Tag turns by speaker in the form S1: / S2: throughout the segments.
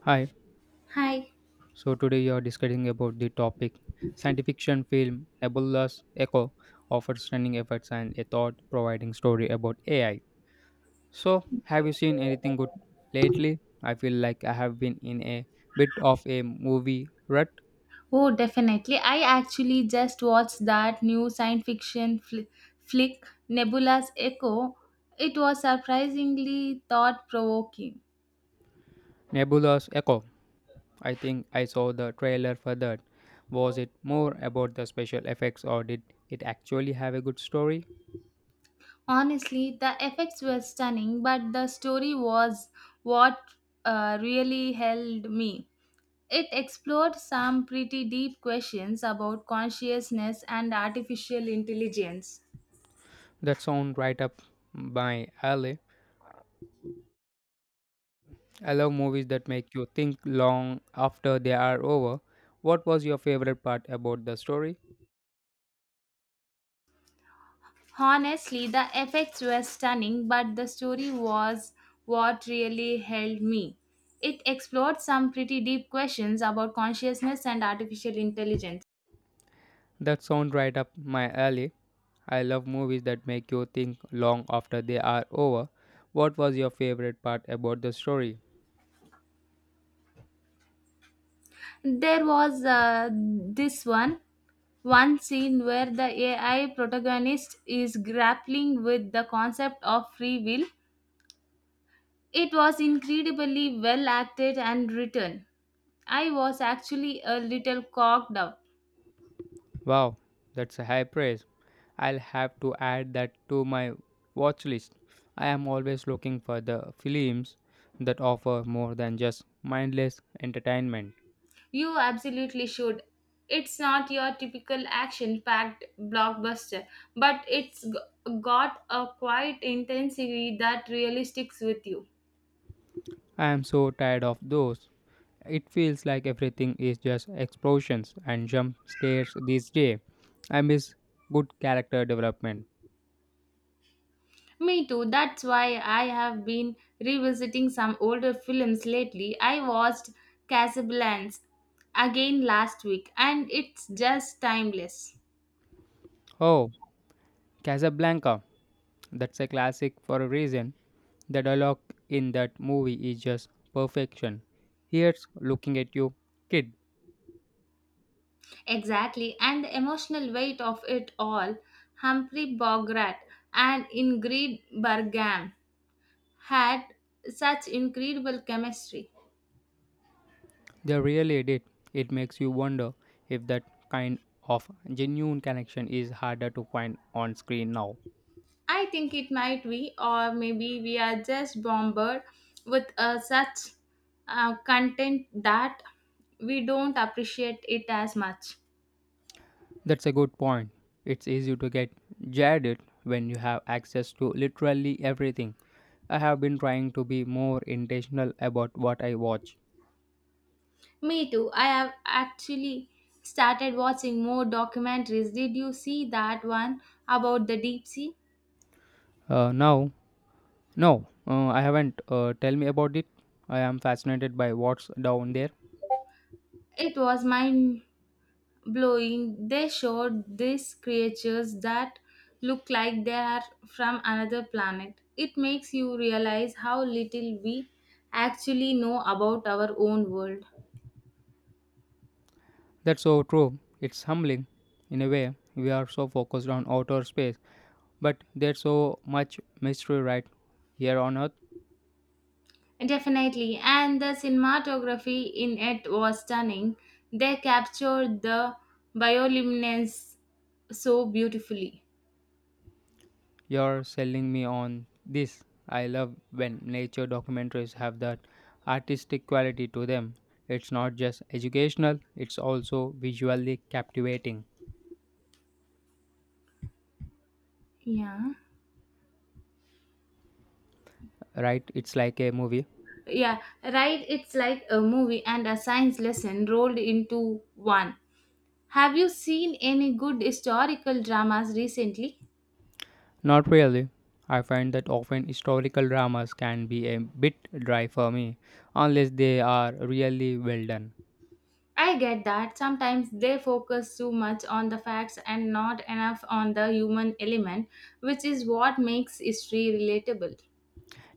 S1: Hi.
S2: Hi.
S1: So today you are discussing about the topic science fiction film Nebula's Echo offers stunning effects and a thought-providing story about AI. So have you seen anything good lately? I feel like I have been in a bit of a movie rut.
S2: Oh, definitely. I actually just watched that new science fiction flick, Nebula's Echo. It was surprisingly thought provoking.
S1: Nebula's Echo. I think I saw the trailer for that. Was it more about the special effects or did it actually have a good story?
S2: Honestly, the effects were stunning, but the story was what really held me. It explored some pretty deep questions about consciousness and artificial intelligence.
S1: That sound right up my alley. I love movies that make you think long after they are over. What was your favorite part about the story?
S2: Honestly, the effects were stunning, but the story was what really held me. It explored some pretty deep questions about consciousness and artificial intelligence.
S1: That sounds right up my alley. I love movies that make you think long after they are over. What was your favorite part about the story?
S2: There was this one scene where the AI protagonist is grappling with the concept of free will. It was incredibly well acted and written. I was actually a little cocked up.
S1: Wow, that's a high praise. I'll have to add that to my watch list. I am always looking for the films that offer more than just mindless entertainment.
S2: You absolutely should. It's not your typical action packed blockbuster, but it's got a quiet intensity that really sticks with you.
S1: I am so tired of those. It feels like everything is just explosions and jump scares these days. I miss good character development.
S2: Me too. That's why I have been revisiting some older films lately. I watched Casablanca again last week and it's just timeless.
S1: Oh, Casablanca. That's a classic for a reason. The dialogue in that movie is just perfection. Here's looking at you, kid.
S2: Exactly. And the emotional weight of it all. Humphrey Bogart and Ingrid Bergman had such incredible chemistry.
S1: They really did. It makes you wonder if that kind of genuine connection is harder to find on screen now.
S2: I think it might be, or maybe we are just bombarded with such content that we don't appreciate it as much.
S1: That's a good point. It's easy to get jaded when you have access to literally everything. I have been trying to be more intentional about what I watch.
S2: Me too. I have actually started watching more documentaries. Did you see that one about the deep sea?
S1: Uh, now, no, I haven't. Tell me about it. I am fascinated by what's down there.
S2: It was mind blowing. They showed these creatures that look like they are from another planet. It makes you realize how little we actually know about our own world.
S1: That's so true. It's humbling. In a way, we are so focused on outer space, but there's so much mystery right here on earth.
S2: Definitely, and the cinematography in it was stunning. They captured the bioluminescence so beautifully.
S1: You're selling me on this. I love when nature documentaries have that artistic quality to them. It's not just educational, it's also visually captivating,
S2: Yeah.
S1: right? It's like a movie.
S2: Yeah, right. It's like a movie and a science lesson rolled into one. Have you seen any good historical dramas recently?
S1: Not really. I find that often historical dramas can be a bit dry for me unless they are really well done.
S2: I get that. Sometimes they focus too much on the facts and not enough on the human element, which is what makes history relatable.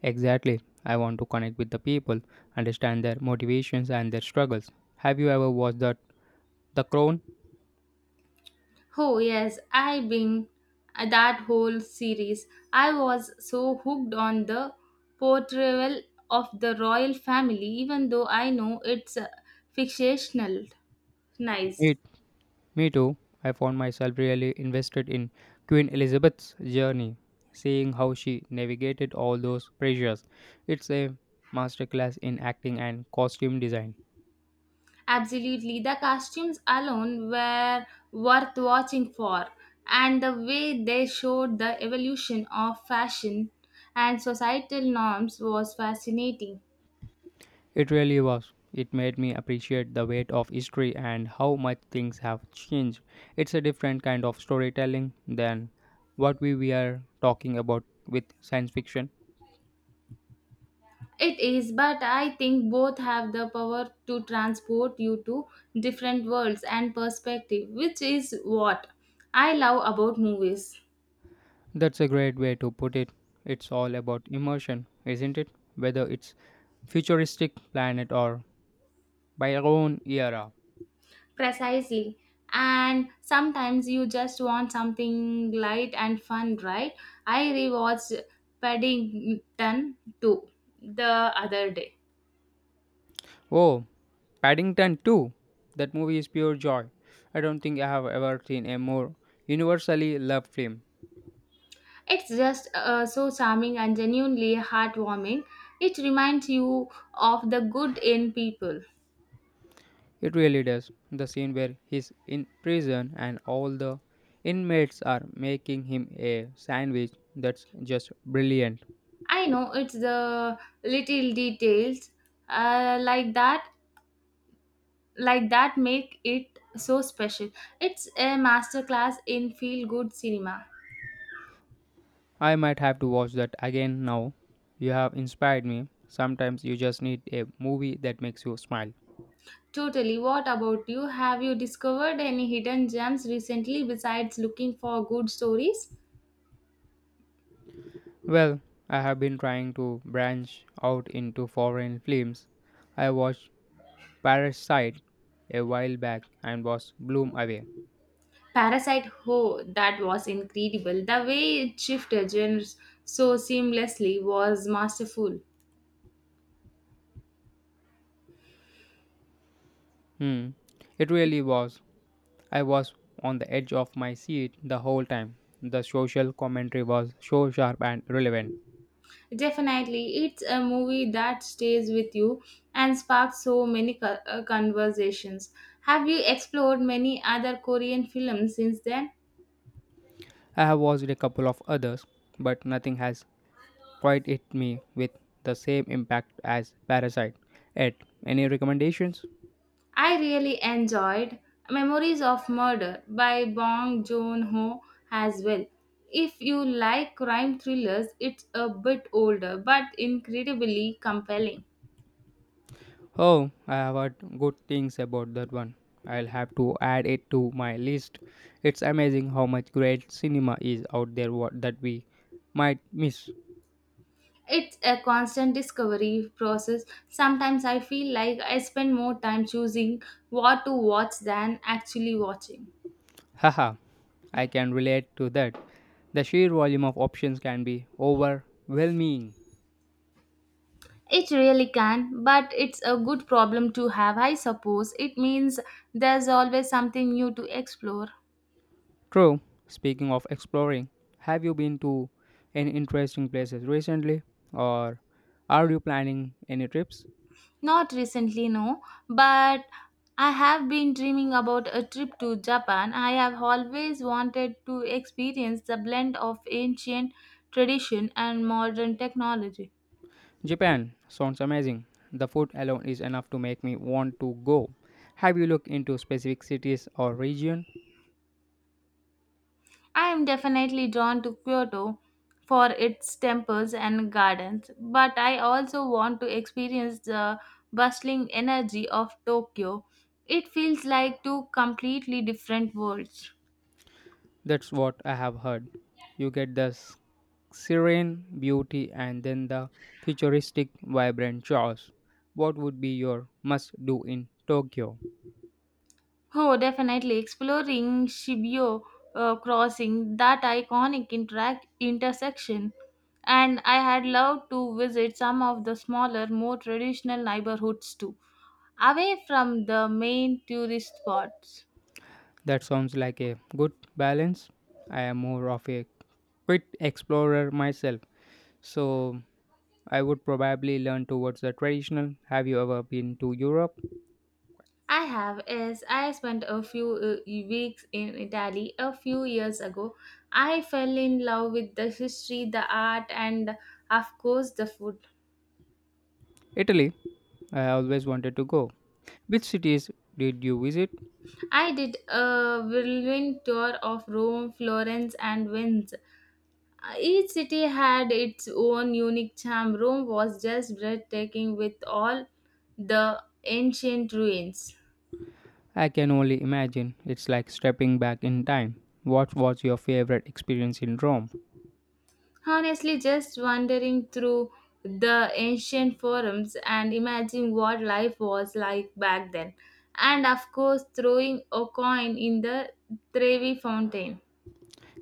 S1: Exactly. I want to connect with the people, understand their motivations and their struggles. Have you ever watched that The Crown?
S2: Oh, yes, I been that whole series. I was so hooked on the portrayal of the royal family, even though I know it's fictional. Nice.
S1: Me, me too. I found myself really invested in Queen Elizabeth's journey, seeing how she navigated all those pressures. It's a masterclass in acting and costume design.
S2: Absolutely. The costumes alone were worth watching for, and the way they showed the evolution of fashion and societal norms was fascinating.
S1: It really was. It made me appreciate the weight of history and how much things have changed. It's a different kind of storytelling than what we were talking about with science fiction.
S2: It is, but I think both have the power to transport you to different worlds and perspective, which is what I love about movies.
S1: That's a great way to put it. It's all about immersion, isn't it? Whether it's futuristic planet or by our own era.
S2: Precisely. And sometimes you just want something light and fun, right? I rewatched Paddington 2 the other day.
S1: Oh, Paddington 2. That movie is pure joy. I don't think I have ever seen a more universally loved film.
S2: It's just so charming and genuinely heartwarming. It reminds you of the good in people.
S1: It really does. The scene where he's in prison and all the inmates are making him a sandwich, that's just brilliant.
S2: I know it's the little details uh, like that like that make it so special. It's a masterclass in feel good cinema.
S1: I might have to watch that again now. You have inspired me. Sometimes you just need a movie that makes you smile.
S2: Totally. What about you? Have you discovered any hidden gems recently besides looking for good stories?
S1: Well, I have been trying to branch out into foreign films. I watched Parasite a while back and was blown away.
S2: Parasite Ho, that was incredible. The way it shifted genres so seamlessly was masterful.
S1: Hmm, it really was. I was on the edge of my seat the whole time. The social commentary was so sharp and relevant.
S2: Definitely, it's a movie that stays with you and sparks so many conversations. Have you explored many other Korean films since then?
S1: I have watched a couple of others, but nothing has quite hit me with the same impact as Parasite. Ed, any recommendations?
S2: I really enjoyed Memories of Murder by Bong Joon-ho as well. If you like crime thrillers, it's a bit older but incredibly compelling.
S1: Oh, I have heard good things about that one. I'll have to add it to my list. It's amazing how much great cinema is out there what, that we might miss.
S2: It's a constant discovery process. Sometimes I feel like I spend more time choosing what to watch than actually watching.
S1: Haha, I can relate to that. The sheer volume of options can be overwhelming.
S2: It really can, but it's a good problem to have, I suppose. It means there's always something new to explore.
S1: True, speaking of exploring, have you been to any interesting places recently or are you planning any trips?
S2: Not recently, no, but I have been dreaming about a trip to Japan. I have always wanted to experience the blend of ancient tradition and modern technology.
S1: Japan sounds amazing. The food alone is enough to make me want to go. Have you looked into specific cities or region?
S2: I am definitely drawn to Kyoto for its temples and gardens, but I also want to experience the bustling energy of Tokyo. It feels like two completely different worlds.
S1: That's what I have heard. You get the serene beauty and then the futuristic vibrant chaos. What would be your must do in Tokyo?
S2: Oh, definitely. Exploring Shibyo Crossing, that iconic interac intersection. And I had loved to visit some of the smaller, more traditional neighborhoods too, away from the main tourist spots.
S1: That sounds like a good balance. I am more of a quit explorer myself, so I would probably learn towards the traditional. Have you ever been to Europe?
S2: I have, yes, I spent a few weeks in Italy a few years ago. I fell in love with the history, the art, and of course, the food.
S1: Italy, I always wanted to go. Which cities did you visit?
S2: I did a whirlwind tour of Rome, Florence, and Venice. Each city had its own unique charm. Rome was just breathtaking with all the ancient ruins.
S1: I can only imagine. It's like stepping back in time. What was your favorite experience in Rome?
S2: Honestly, just wandering through the ancient forums and imagining what life was like back then. And of course, throwing a coin in the Trevi Fountain.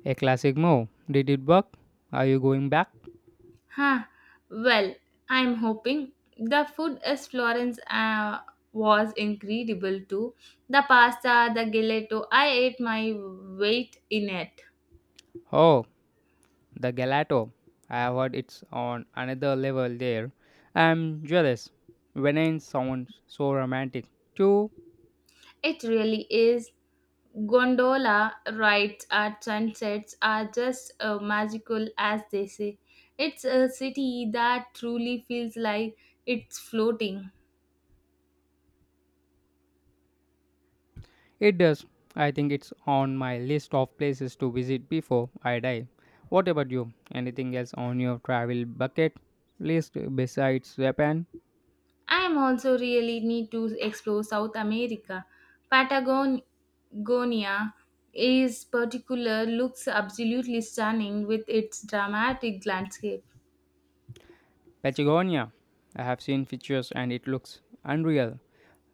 S1: A classic move. Did it work? Are you going back?
S2: Huh. Well, I'm hoping the food is Florence was incredible too. The pasta, the gelato, I ate my weight in it.
S1: Oh, the gelato, I have heard it's on another level there. I'm jealous. Venice sounds so romantic too.
S2: It really is. Gondola rides at sunsets are just magical, as they say. It's a city that truly feels like it's floating.
S1: It does. I think it's on my list of places to visit before I die. What about you? Anything else on your travel bucket list besides Japan?
S2: I am also really need to explore South America. Patagonia is particular looks absolutely stunning with its dramatic landscape.
S1: Patagonia. I have seen pictures and it looks unreal.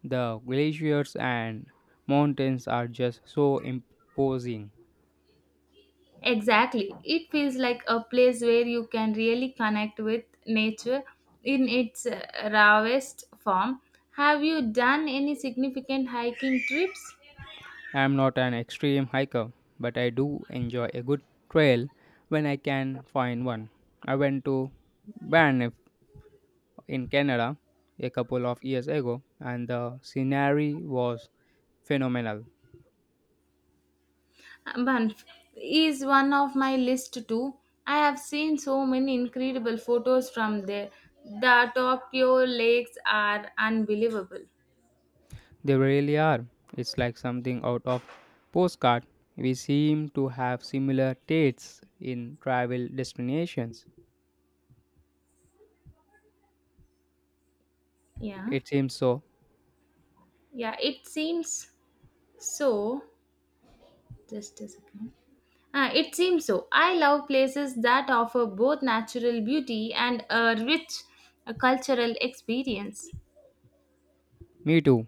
S1: The glaciers and mountains are just so imposing.
S2: Exactly. It feels like a place where you can really connect with nature in its rawest form. Have you done any significant hiking trips?
S1: I'm not an extreme hiker, but I do enjoy a good trail when I can find one. I went to Banff in Canada a couple of years ago, and the scenery was phenomenal.
S2: Banff is one of my list too. I have seen so many incredible photos from there. The Tokyo lakes are unbelievable.
S1: They really are. It's like something out of postcard. We seem to have similar tastes in travel destinations.
S2: Yeah,
S1: It seems so.
S2: yeah, it seems so. Just a second. Ah, it seems so. I love places that offer both natural beauty and a rich cultural experience.
S1: Me too.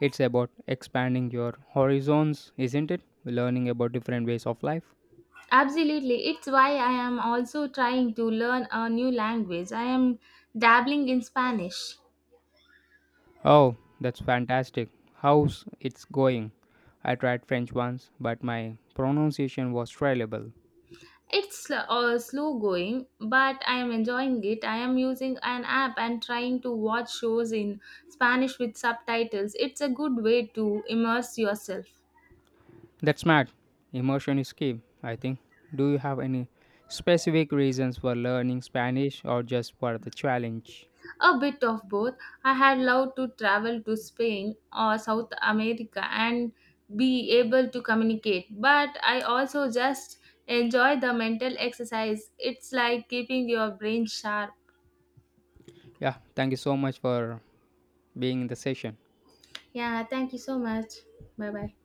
S1: It's about expanding your horizons, isn't it? Learning about different ways of life.
S2: Absolutely, it's why I am also trying to learn a new language. I am dabbling in Spanish.
S1: Oh, that's fantastic. How's it's going? I tried French once, but my pronunciation was terrible.
S2: It's slow going, but I am enjoying it. I am using an app and trying to watch shows in Spanish with subtitles. It's a good way to immerse yourself.
S1: That's smart. Immersion is key, I think. Do you have any specific reasons for learning Spanish or just for the challenge?
S2: A bit of both. I had loved to travel to Spain or South America and be able to communicate, but I also just enjoy the mental exercise. It's like keeping your brain sharp.
S1: Yeah, thank you so much for being in the session.
S2: Yeah, thank you so much. Bye bye.